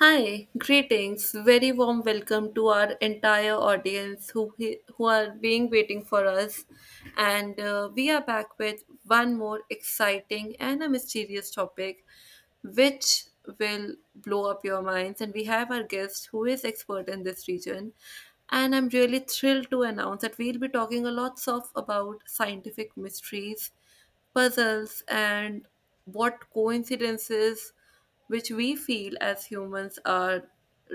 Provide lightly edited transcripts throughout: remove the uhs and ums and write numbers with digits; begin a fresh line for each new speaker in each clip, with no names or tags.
Hi, greetings. Very warm welcome to our entire audience who are being waiting for us. And we are back with one more exciting and a mysterious topic which will blow up your minds, and we have our guest who is expert in this region, and I'm really thrilled to announce that we'll be talking a lots of about scientific mysteries, puzzles and what coincidences which we feel as humans are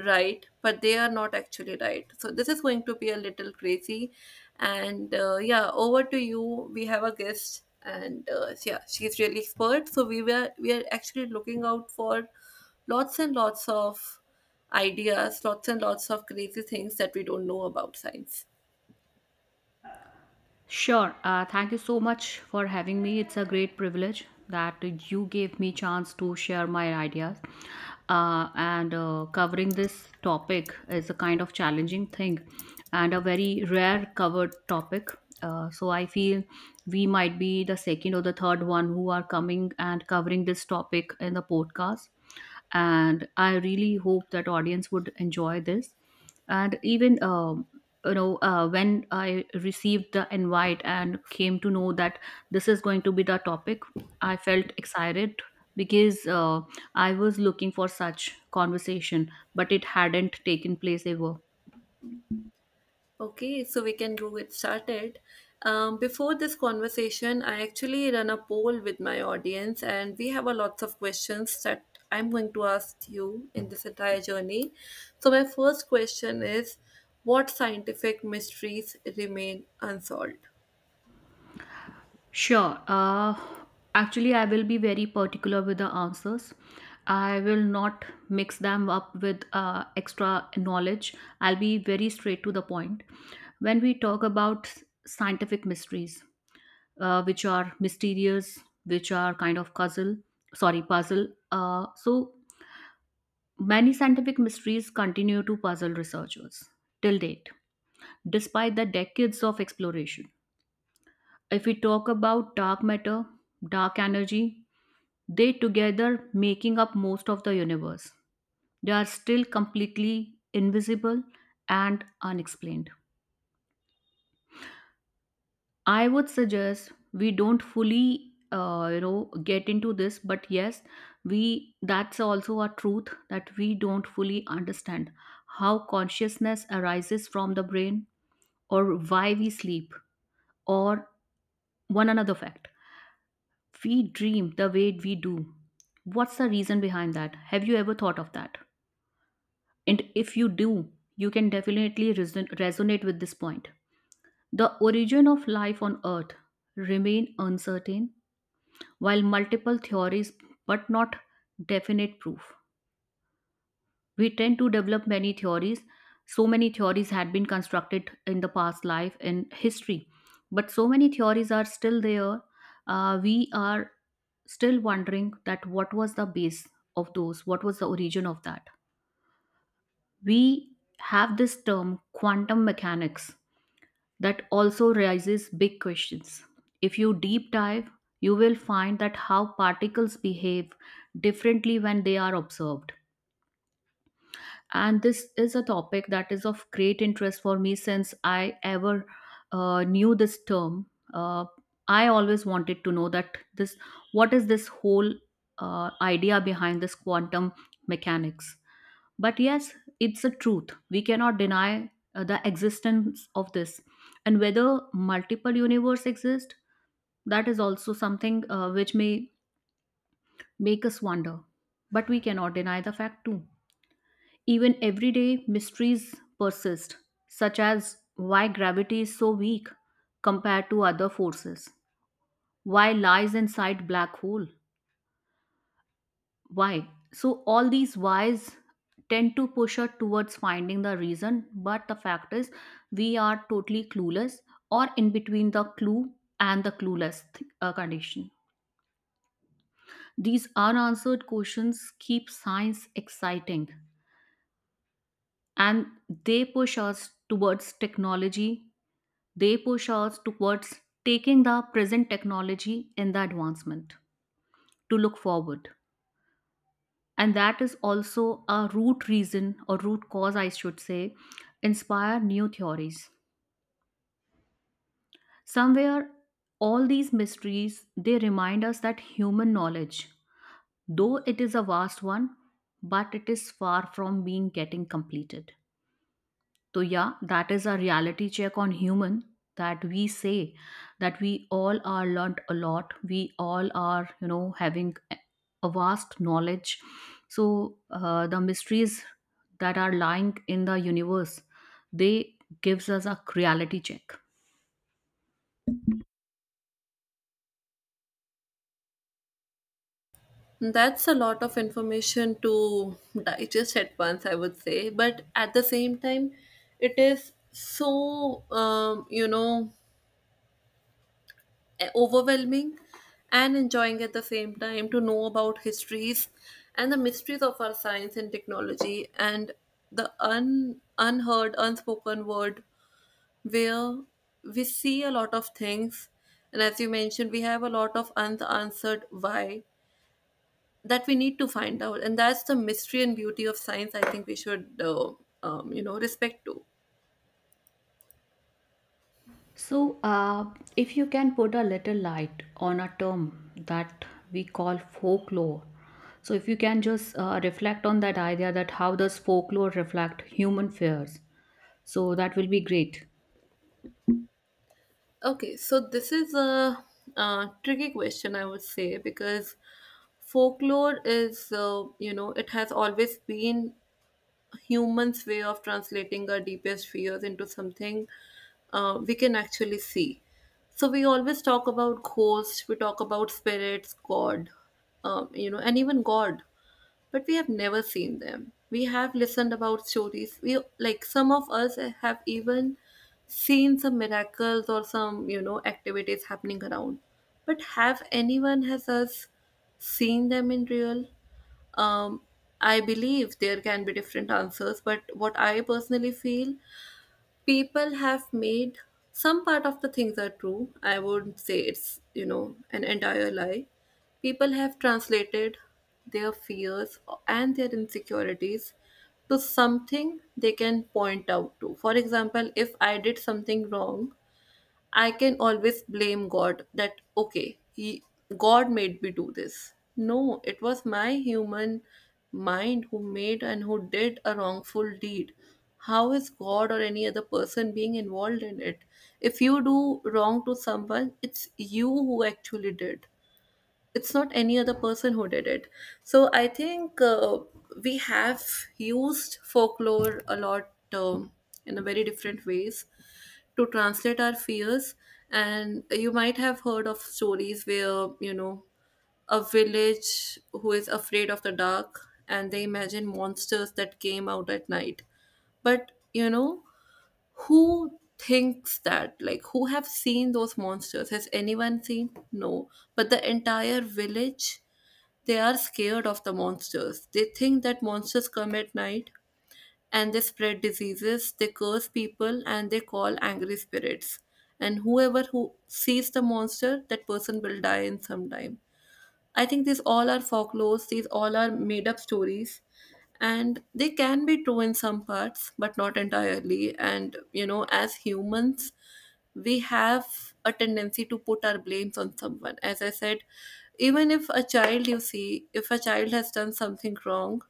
right, but they are not actually right. So this is going to be a little crazy. And yeah, over to you. We have a guest, and yeah, she's really expert. So we are actually looking out for lots and lots of ideas, lots and lots of crazy things that we don't know about science.
Sure. Thank you so much for having me. It's a great privilege that you gave me chance to share my ideas. And Covering this topic is a kind of challenging thing and a very rare covered topic. So I feel we might be the second or the third one who are coming and covering this topic in the podcast. And I really hope that audience would enjoy this, and even when I received the invite and came to know that this is going to be the topic, I felt excited, because I was looking for such conversation, but it hadn't taken place ever.
Okay, so we can go get started. Before this conversation, I actually run a poll with my audience, and we have a lots of questions that I'm going to ask you in this entire journey. So my first question is, what scientific mysteries remain unsolved?
Sure. Actually, I will be very particular with the answers. I will not mix them up with extra knowledge. I'll be very straight to the point. When we talk about scientific mysteries, which are mysterious, which are kind of puzzle, sorry, puzzle. So many scientific mysteries continue to puzzle researchers till date, despite the decades of exploration. If we talk about dark matter, dark energy, they together making up most of the universe. They are still completely invisible and unexplained. I would suggest we don't fully, get into this, but yes, we that's also a truth that we don't fully understand how consciousness arises from the brain, or why we sleep, or one another fact. We dream the way we do. What's the reason behind that? Have you ever thought of that? And if you do, you can definitely resonate with this point. The origin of life on earth remain uncertain. While multiple theories, but not definite proof. We tend to develop many theories. So many theories had been constructed in the past life in history, but so many theories are still there. We are still wondering that what was the base of those, what was the origin of that. We have this term quantum mechanics that also raises big questions. If you deep dive, you will find that how particles behave differently when they are observed. And this is a topic that is of great interest for me since I ever knew this term. I always wanted to know that this what is this whole idea behind this quantum mechanics. But yes, it's a truth. We cannot deny the existence of this. And whether multiple universe exist, that is also something which may make us wonder. But we cannot deny the fact too. Even everyday mysteries persist, such as why gravity is so weak compared to other forces, why lies inside black hole, why? So, all these whys tend to push us towards finding the reason, but the fact is, we are totally clueless, or in between the clue and the clueless condition. These unanswered questions keep science exciting, and they push us towards technology. They push us towards taking the present technology in the advancement to look forward. And that is also a root reason, or root cause I should say, inspire new theories. Somewhere all these mysteries, they remind us that human knowledge, though it is a vast one, but it is far from being getting completed. So, yeah, that is a reality check on human, that we say that we all are learnt a lot. We all are, you know, having a vast knowledge. So, the mysteries that are lying in the universe, they gives us a reality check.
That's a lot of information to digest at once, I would say. But at the same time, it is so, overwhelming and enjoying at the same time to know about histories and the mysteries of our science and technology and the un, unheard, unspoken word where we see a lot of things. And as you mentioned, we have a lot of unanswered why that we need to find out. And that's the mystery and beauty of science I think we should, respect to.
So, if you can put a little light on a term that we call folklore, so if you can just reflect on that idea that how does folklore reflect human fears, so that will be great.
Okay, so this is a, tricky question, I would say, because folklore is, it has always been humans' way of translating our deepest fears into something we can actually see. So we always talk about ghosts, we talk about spirits, God, and even God, but we have never seen them. We have listened about stories. We like some of us have even seen some miracles or some activities happening around, but have anyone has us seen them in real? Um, I believe there can be different answers, but what I personally feel, people have made some part of the things are true. I wouldn't say it's, an entire lie. People have translated their fears and their insecurities to something they can point out to. For example, if I did something wrong, I can always blame God that, okay, he, God made me do this. No, it was my human mind who made and who did a wrongful deed. How is God or any other person being involved in it? If you do wrong to someone, it's you who actually did. It's not any other person who did it. So I think we have used folklore a lot, in a very different ways to translate our fears. And you might have heard of stories where, a village who is afraid of the dark, and they imagine monsters that came out at night. But, who thinks that, like, who have seen those monsters, has anyone seen? No. But the entire village, they are scared of the monsters. They think that monsters come at night and they spread diseases, they curse people, and they call angry spirits, and whoever who sees the monster, that person will die in some time. I think these all are folklores, these all are made up stories, and they can be true in some parts, but not entirely. And, you know, as humans, we have a tendency to put our blames on someone. As I said, even if a child, you see, if a child has done something wrong,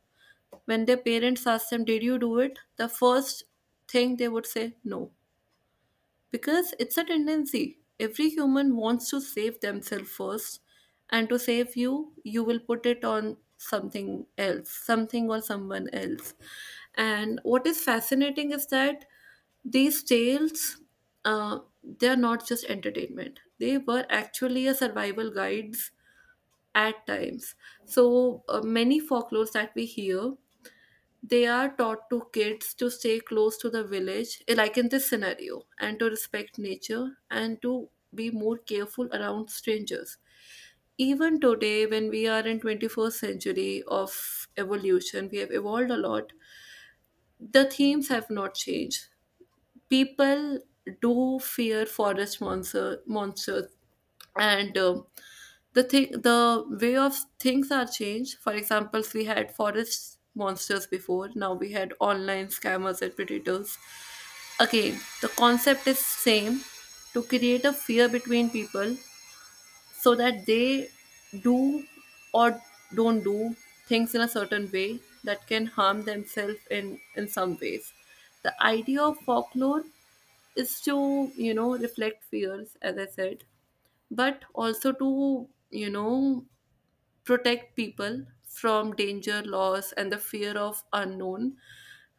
when their parents ask them, "Did you do it?" the first thing they would say, "No," because it's a tendency. Every human wants to save themselves first, and to save you, you will put it on something else, something or someone else. And what is fascinating is that these tales, they are not just entertainment. They were actually a survival guides at times. So many folklores that we hear, they are taught to kids to stay close to the village, like in this scenario, and to respect nature and to be more careful around strangers. Even today, when we are in 21st century of evolution, we have evolved a lot. The themes have not changed. People do fear forest monsters, and the thing, the way of things are changed. For examples, we had forest monsters before, now we had online scammers and predators. Again, the concept is same: to create a fear between people so that they do or don't do things in a certain way that can harm themselves in some ways. The idea of folklore is to, reflect fears, as I said, but also to, you know protect people from danger, loss, and the fear of unknown.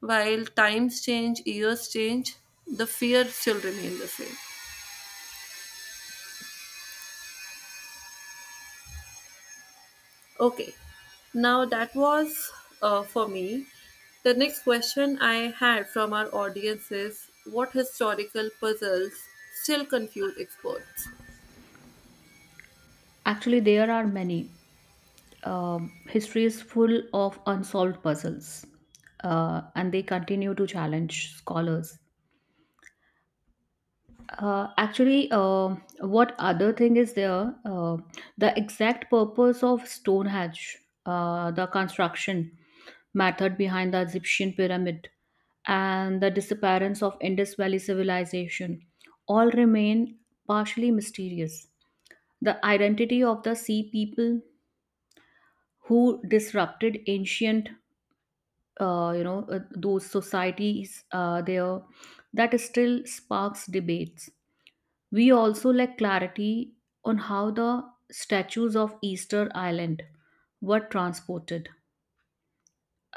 While times change, years change, the fear still remains the same. Okay, now that was for me. The next question I had from our audience is, what historical puzzles still confuse experts?
Actually, there are many. Um, history is full of unsolved puzzles, and they continue to challenge scholars. Uh, actually, uh, what other thing is there? The exact purpose of Stonehenge, the construction method behind the Egyptian pyramid, and the disappearance of Indus Valley civilization all remain partially mysterious. The identity of the sea people who disrupted ancient, those societies there, that still sparks debates. We also lack clarity on how the statues of Easter Island were transported.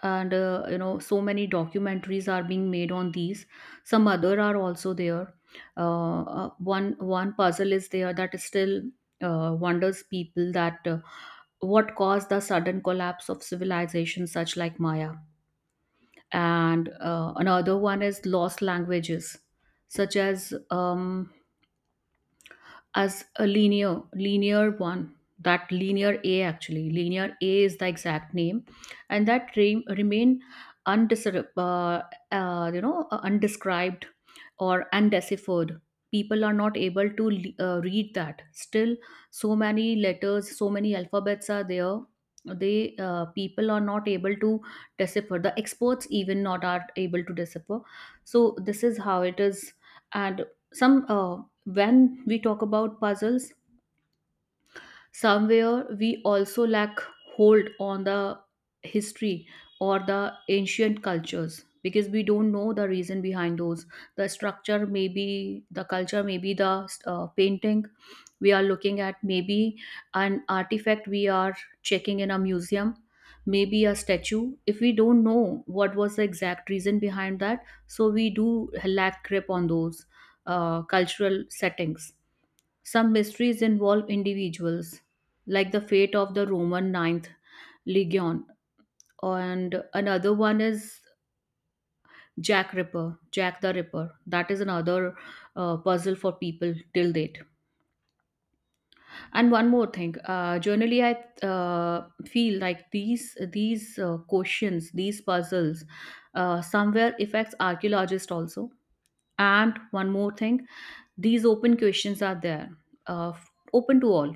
And you know, so many documentaries are being made on these. Some other are also there. One puzzle is there that still wonders people that what caused the sudden collapse of civilization such like Maya. And another one is lost languages, such as a linear one. That linear A, actually linear A is the exact name, and that remain undescribed, undescribed or undeciphered. People are not able to read that. Still so many letters, so many alphabets are there. They People are not able to decipher. The experts even not are able to decipher. So this is how it is. And some, when we talk about puzzles, somewhere we also lack hold on the history or the ancient cultures, because we don't know the reason behind those: the structure maybe, the culture maybe, the painting we are looking at maybe, an artifact we are checking in a museum, maybe a statue. If we don't know what was the exact reason behind that, so we do lack grip on those cultural settings. Some mysteries involve individuals, like the fate of the Roman Ninth Legion, and another one is Jack the Ripper. That is another puzzle for people till date. And one more thing, generally I feel like these questions, these puzzles, somewhere affects archaeologists also. And one more thing, these open questions are there, uh, open to all.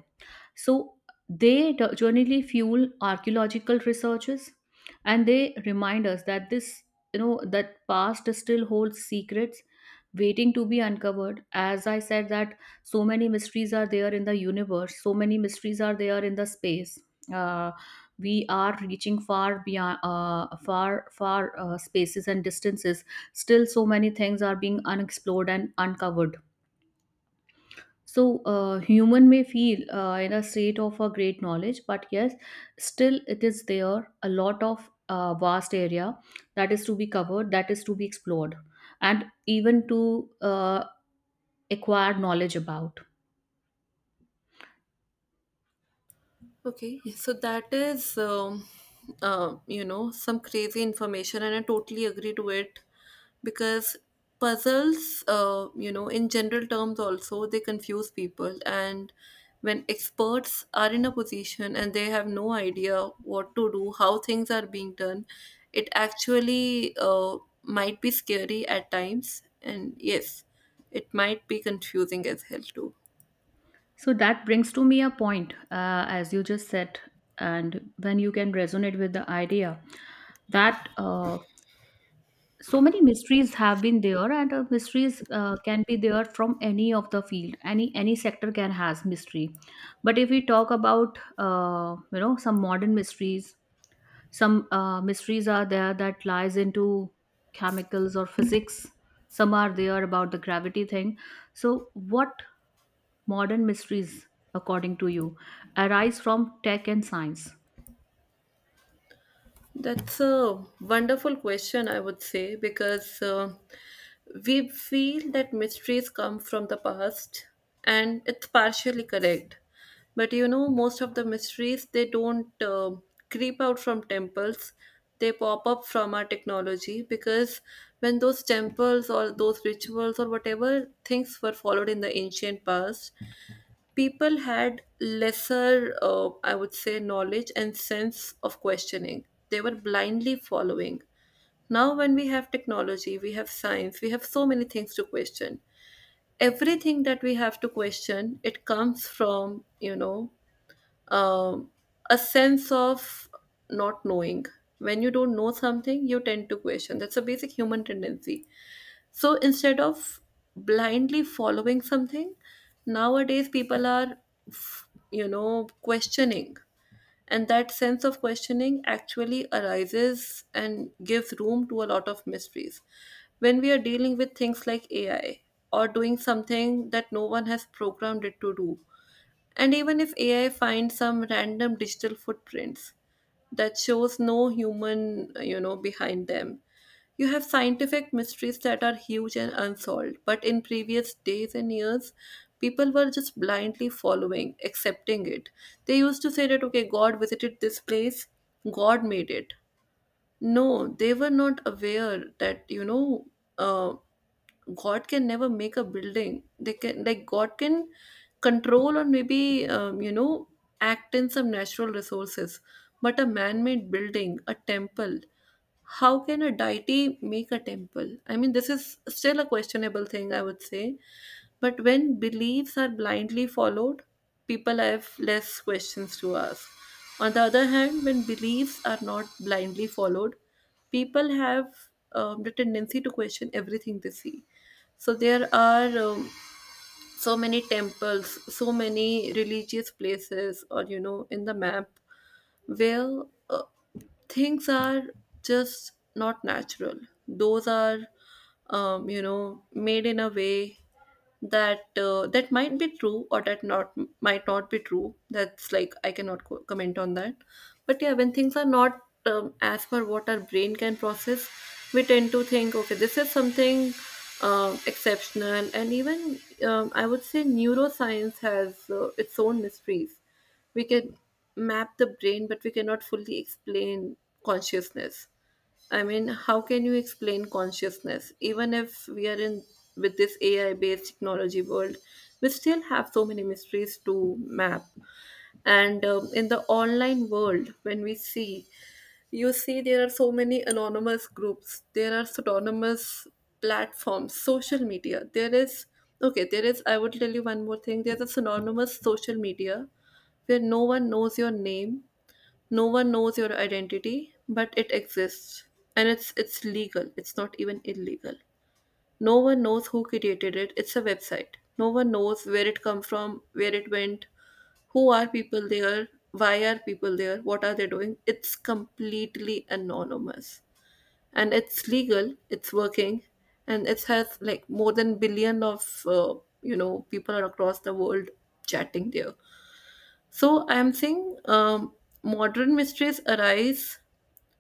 So they generally fuel archaeological researches, and they remind us that that past still holds secrets waiting to be uncovered. As I said, that so many mysteries are there in the universe, so many mysteries are there in the space. Uh, we are reaching far beyond, far far spaces and distances. Still so many things are being unexplored and uncovered. So, human may feel in a state of a great knowledge, but yes, still it is there a lot of vast area that is to be covered, that is to be explored, and even to acquire knowledge about.
Okay, so that is, some crazy information, and I totally agree to it because puzzles, in general terms, also they confuse people. And when experts are in a position and they have no idea what to do, how things are being done, it actually might be scary at times. And yes, it might be confusing as hell, too.
So that brings to me a point, as you just said, and when you can resonate with the idea that so many mysteries have been there, and mysteries can be there from any of the field. Any sector can has mystery. But if we talk about some modern mysteries, some mysteries are there that lies into chemicals or physics, some are there about the gravity thing. So what modern mysteries, according to you, arise from tech and science?
That's a wonderful question, I would say, because we feel that mysteries come from the past, and it's partially correct. But you know, most of the mysteries they don't creep out from temples; they pop up from our technology. Because when those temples or those rituals or whatever things were followed in the ancient past, people had lesser, I would say, knowledge and sense of questioning. They were blindly following. Now, when we have technology, we have science, we have so many things to question. Everything that we have to question, it comes from, um, a sense of not knowing. When you don't know something, you tend to question. That's a basic human tendency. So instead of blindly following something, nowadays people are, questioning. And that sense of questioning actually arises and gives room to a lot of mysteries. When we are dealing with things like AI or doing something that no one has programmed it to do, and even if AI finds some random digital footprints that shows no human, behind them, you have scientific mysteries that are huge and unsolved. But in previous days and years, people were just blindly following, accepting it. They used to say that, okay, God visited this place, God made it. No, they were not aware that, uh, God can never make a building. They can like God can control or maybe act in some natural resources, but a man-made building, a temple, how can a deity make a temple? I mean, this is still a questionable thing, I would say. But when beliefs are blindly followed, people have less questions to ask. On the other hand, when beliefs are not blindly followed, people have, the tendency to question everything they see. So there are, so many temples, so many religious places, or, in the map where uh, things are just not natural. Those are, made in a way that that might be true or that not might not be true. That's like I cannot comment on that. But yeah, when things are not, as per what our brain can process, we tend to think, okay, this is something, exceptional. And even, I would say neuroscience has its own mysteries. We can map the brain, but we cannot fully explain consciousness. I mean, how can you explain consciousness? Even if we are in with this AI based technology world, we still have so many mysteries to map. And in the online world, when we see, you see there are so many anonymous groups, there are pseudonymous platforms, social media. There is, okay, there is, I will tell you one more thing, there's a synonymous social media where no one knows your name, no one knows your identity, but it exists. And it's legal, it's not even illegal. No one knows who created it. It's a website. No one knows where it come from, where it went, who are people there, why are people there, what are they doing. It's completely anonymous. And it's legal, it's working, and it has like more than billion of people are across the world chatting there. So I am saying, modern mysteries arise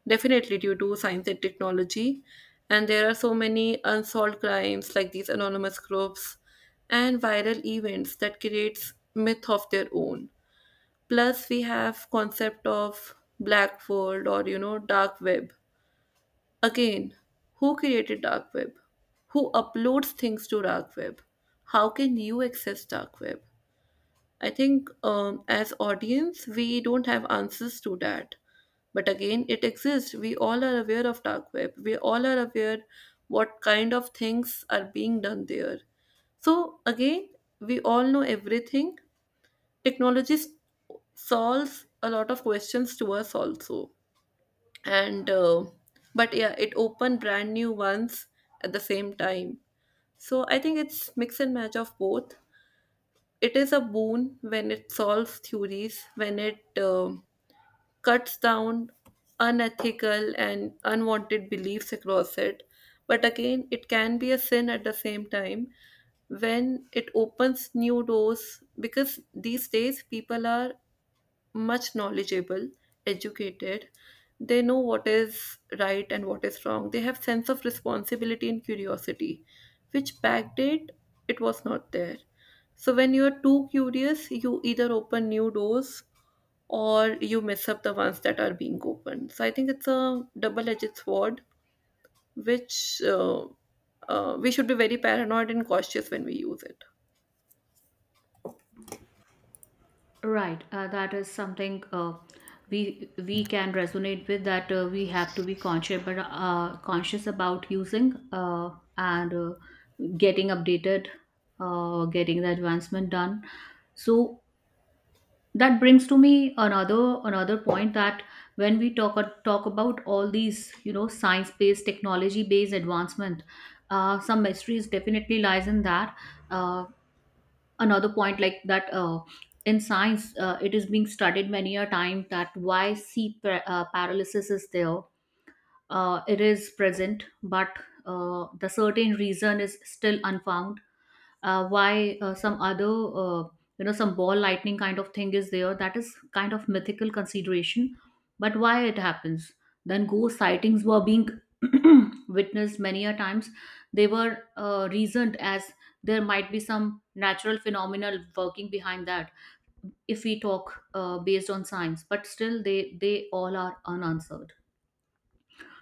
definitely due to science and technology. And there are so many unsolved crimes like these anonymous groups and viral events that creates myth of their own. Plus we have concept of black world or dark web. Again, who created dark web? Who uploads things to dark web? How can you access dark web? I think as audience, we don't have answers to that. But again, it exists. We all are aware of dark web. We all are aware what kind of things are being done there. So again, we all know everything. Technology s- solves a lot of questions to us also. And but yeah, it opened brand new ones at the same time. So I think it's mix and match of both, it is a boon when it solves theories, when it um cuts down unethical and unwanted beliefs across it. But again, it can be a sin at the same time when it opens new doors because these days people are much knowledgeable, educated. They know what is right and what is wrong. They have sense of responsibility and curiosity, which back date it was not there. So when you are too curious, you either open new doors or you mess up the ones that are being opened. So I think it's a double-edged sword, which we should be very paranoid and cautious when we use it.
Right, that is something we can resonate with, that we have to be conscious, but conscious about using, and getting updated, getting the advancement done. So that brings to me another point, that when we talk about all these, you know, science based, technology based advancement, some mysteries definitely lies in that. Uh, Another point like that, in science, it is being studied many a time that why paralysis is there. It is present, but the certain reason is still unfound. Why Some other, some ball lightning kind of thing is there, that is kind of mythical consideration, but why it happens. Then ghost sightings were being witnessed many a times. They were reasoned as there might be some natural phenomenal working behind that, if we talk based on science, but still they all are unanswered.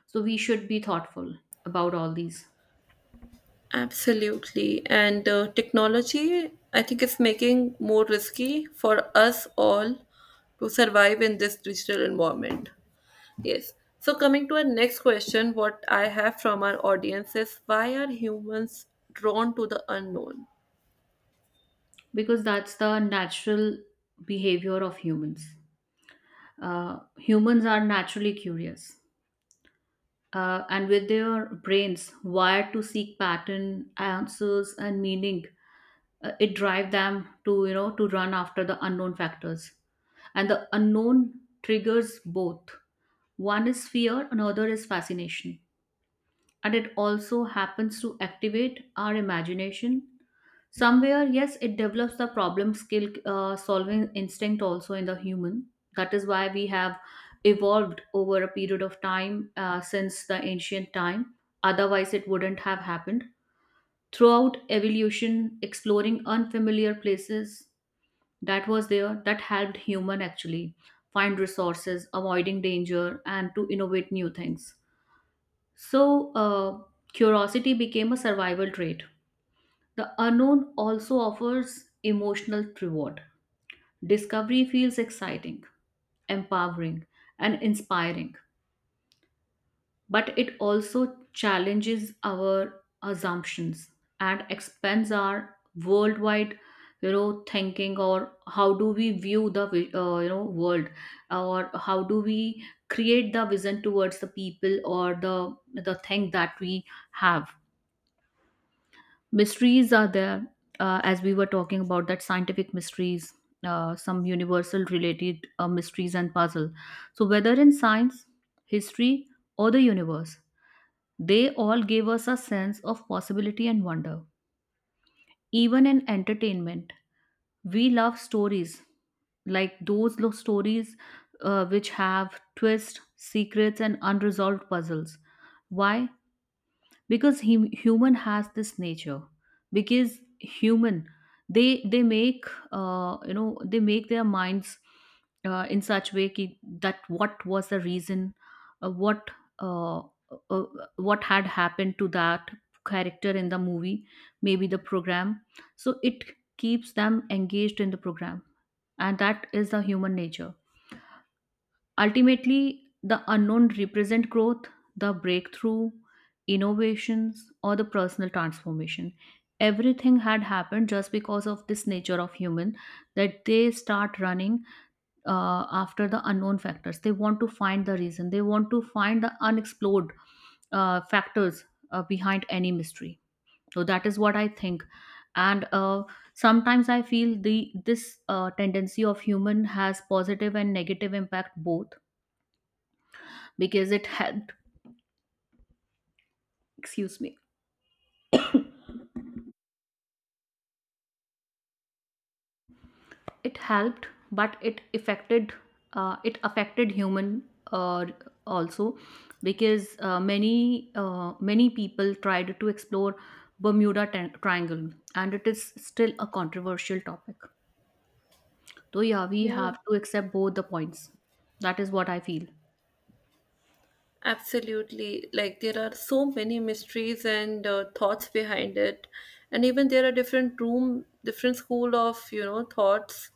So we should be thoughtful about all these.
Absolutely. And technology, I think, is making more risky for us all to survive in this digital environment. Yes. So, coming to our next question, what I have from our audience is why are humans drawn to the unknown?
Because that's the natural behavior of humans. Humans are naturally curious, and with their brains wired to seek pattern, answers, and meaning, it drive them to, you know, to run after the unknown factors. And the unknown triggers both. One is fear, another is fascination, and it also happens to activate our imagination. Somewhere yes, it develops the problem skill, solving instinct also in the human. That is why we have evolved over a period of time, since the ancient time. Otherwise it wouldn't have happened. Throughout evolution, exploring unfamiliar places, that was there, that helped human actually find resources, avoiding danger, and to innovate new things. So, curiosity became a survival trait. The unknown also offers emotional reward. Discovery feels exciting, empowering, and inspiring, but it also challenges our assumptions and expands our worldwide thinking, or how do we view the world, or how do we create the vision towards the people, or the thing that we have. Mysteries are there, as we were talking about, that scientific mysteries, some universal related mysteries and puzzle. So whether in science, history, or the universe, they all give us a sense of possibility and wonder. Even in entertainment, we love stories, like those stories, which have twists, secrets, and unresolved puzzles. Why? Because human has this nature. Because human, they make, they make their minds in such way, that what was the reason, uh, what uh, uh, what had happened to that character in the movie, maybe the program. So it keeps them engaged in the program, and that is the human nature. Ultimately, the unknown represent growth, the breakthrough, innovations, or the personal transformation. Everything had happened just because of this nature of human, that they start running after the unknown factors. They want to find the reason. They want to find the unexplored factors behind any mystery. So that is what I think. And Sometimes I feel the this tendency of human has positive and negative impact both, because it helped, excuse me, it helped, but it affected, it affected human uh, also, because many people tried to explore Bermuda Triangle, and it is still a controversial topic. So yeah, we
Yeah,
have to accept both the points. That is what I feel.
absolutely. Like there are so many mysteries and thoughts behind it, and even there are different room, different school of thoughts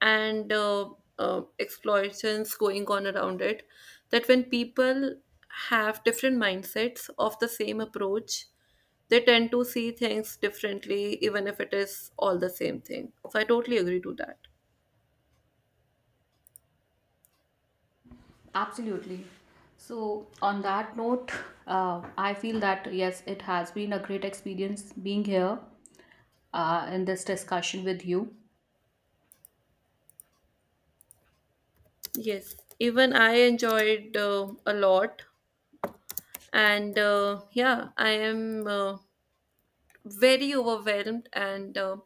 and exploitations going on around it that when people have different mindsets of the same approach, they tend to see things differently even if it is all the same thing. So I totally agree to that.
Absolutely. So, on that note, I feel that yes, it has been a great experience being here in this discussion with you.
Yes, even I enjoyed a lot. And yeah, I am very overwhelmed and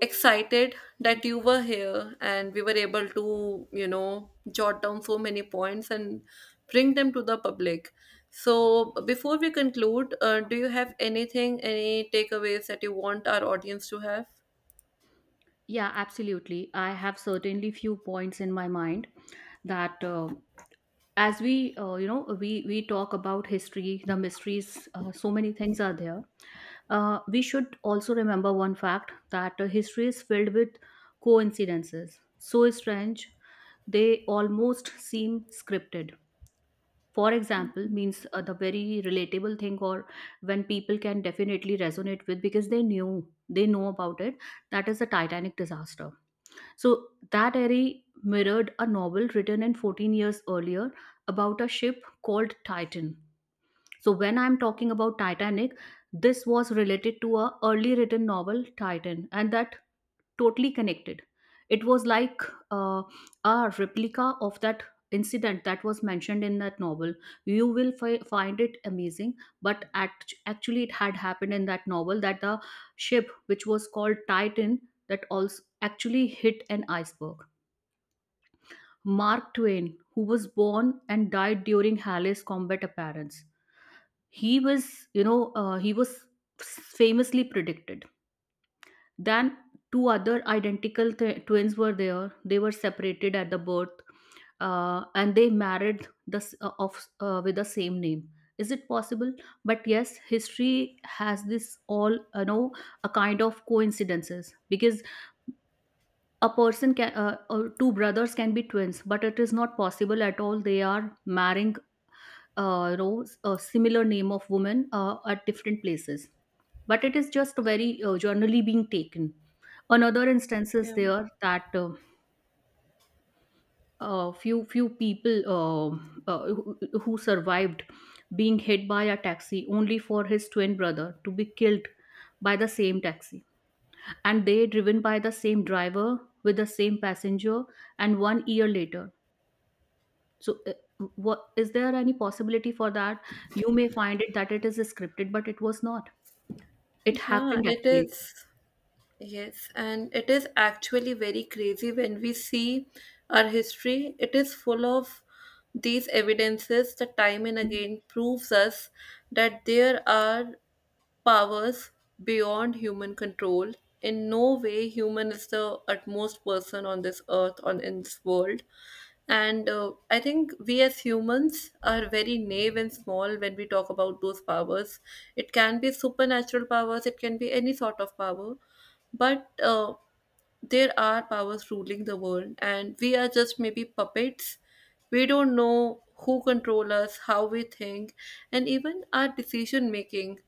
excited that you were here and we were able to jot down so many points and bring them to the public. So before we conclude, do you have anything, any takeaways that you want our audience to have?
Yeah, absolutely. I have certainly few points in my mind, that as we, you know, we talk about history, the mysteries, so many things are there. We should also remember one fact, that history is filled with coincidences so strange they almost seem scripted. For example, means, the very relatable thing, or when people can definitely resonate with, because they know about it, that is the Titanic disaster. So that airy mirrored a novel written in 14 years earlier, about a ship called Titan. So when I'm talking about Titanic, this was related to a early written novel, Titan, and that totally connected. It was like, uh, a replica of that incident that was mentioned in that novel. You will find it amazing, but actually, it had happened in that novel that the ship, which was called Titan, that also actually hit an iceberg. Mark Twain, who was born and died during Halley's combat appearance, he was famously predicted. Then two other identical twins were there. They were separated at the birth, and they married the s- of with the same name. Is it possible? But yes, history has this all, a kind of coincidences. Because a person can, or two brothers can be twins, but it is not possible at all, they are marrying, a similar name of woman at different places. But it is just very generally being taken. Another instance is
Yeah.
there, that few people who survived being hit by a taxi, only for his twin brother to be killed by the same taxi, and they driven by the same driver with the same passenger, and one year later. So, what, is there any possibility for that? You may find it that it is scripted, but it was not. It
Yeah,
happened
it
actually.
is. Yes, and it is actually very crazy when we see our history. It is full of these evidences that time and again proves us that there are powers beyond human control. In no way human is the utmost person on this earth, on in this world. And I think we as humans are very naive and small when we talk about those powers. It can be supernatural powers, it can be any sort of power. But there are powers ruling the world, and we are just maybe puppets. We don't know who control us, how we think, and even our decision making.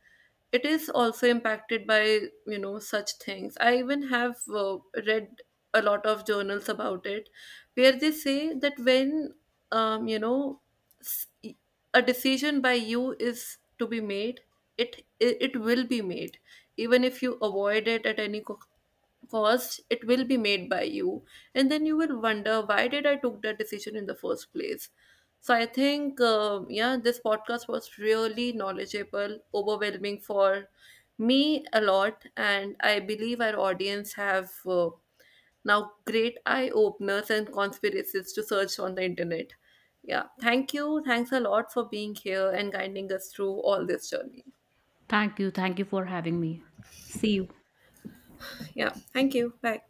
It is also impacted by such things. I even have read a lot of journals about it, where they say that when um, you know s- a decision by you is to be made, it will be made even if you avoid it at any cost, it will be made by you, and then you will wonder why did I took that decision in the first place. So I think yeah, this podcast was really knowledgeable, overwhelming for me a lot, and I believe our audience have now, great eye openers and conspiracies to search on the internet. Yeah, thank you. Thanks a lot for being here and guiding us through all this journey.
Thank you. Thank you for having me. See you.
Yeah, thank you. Bye.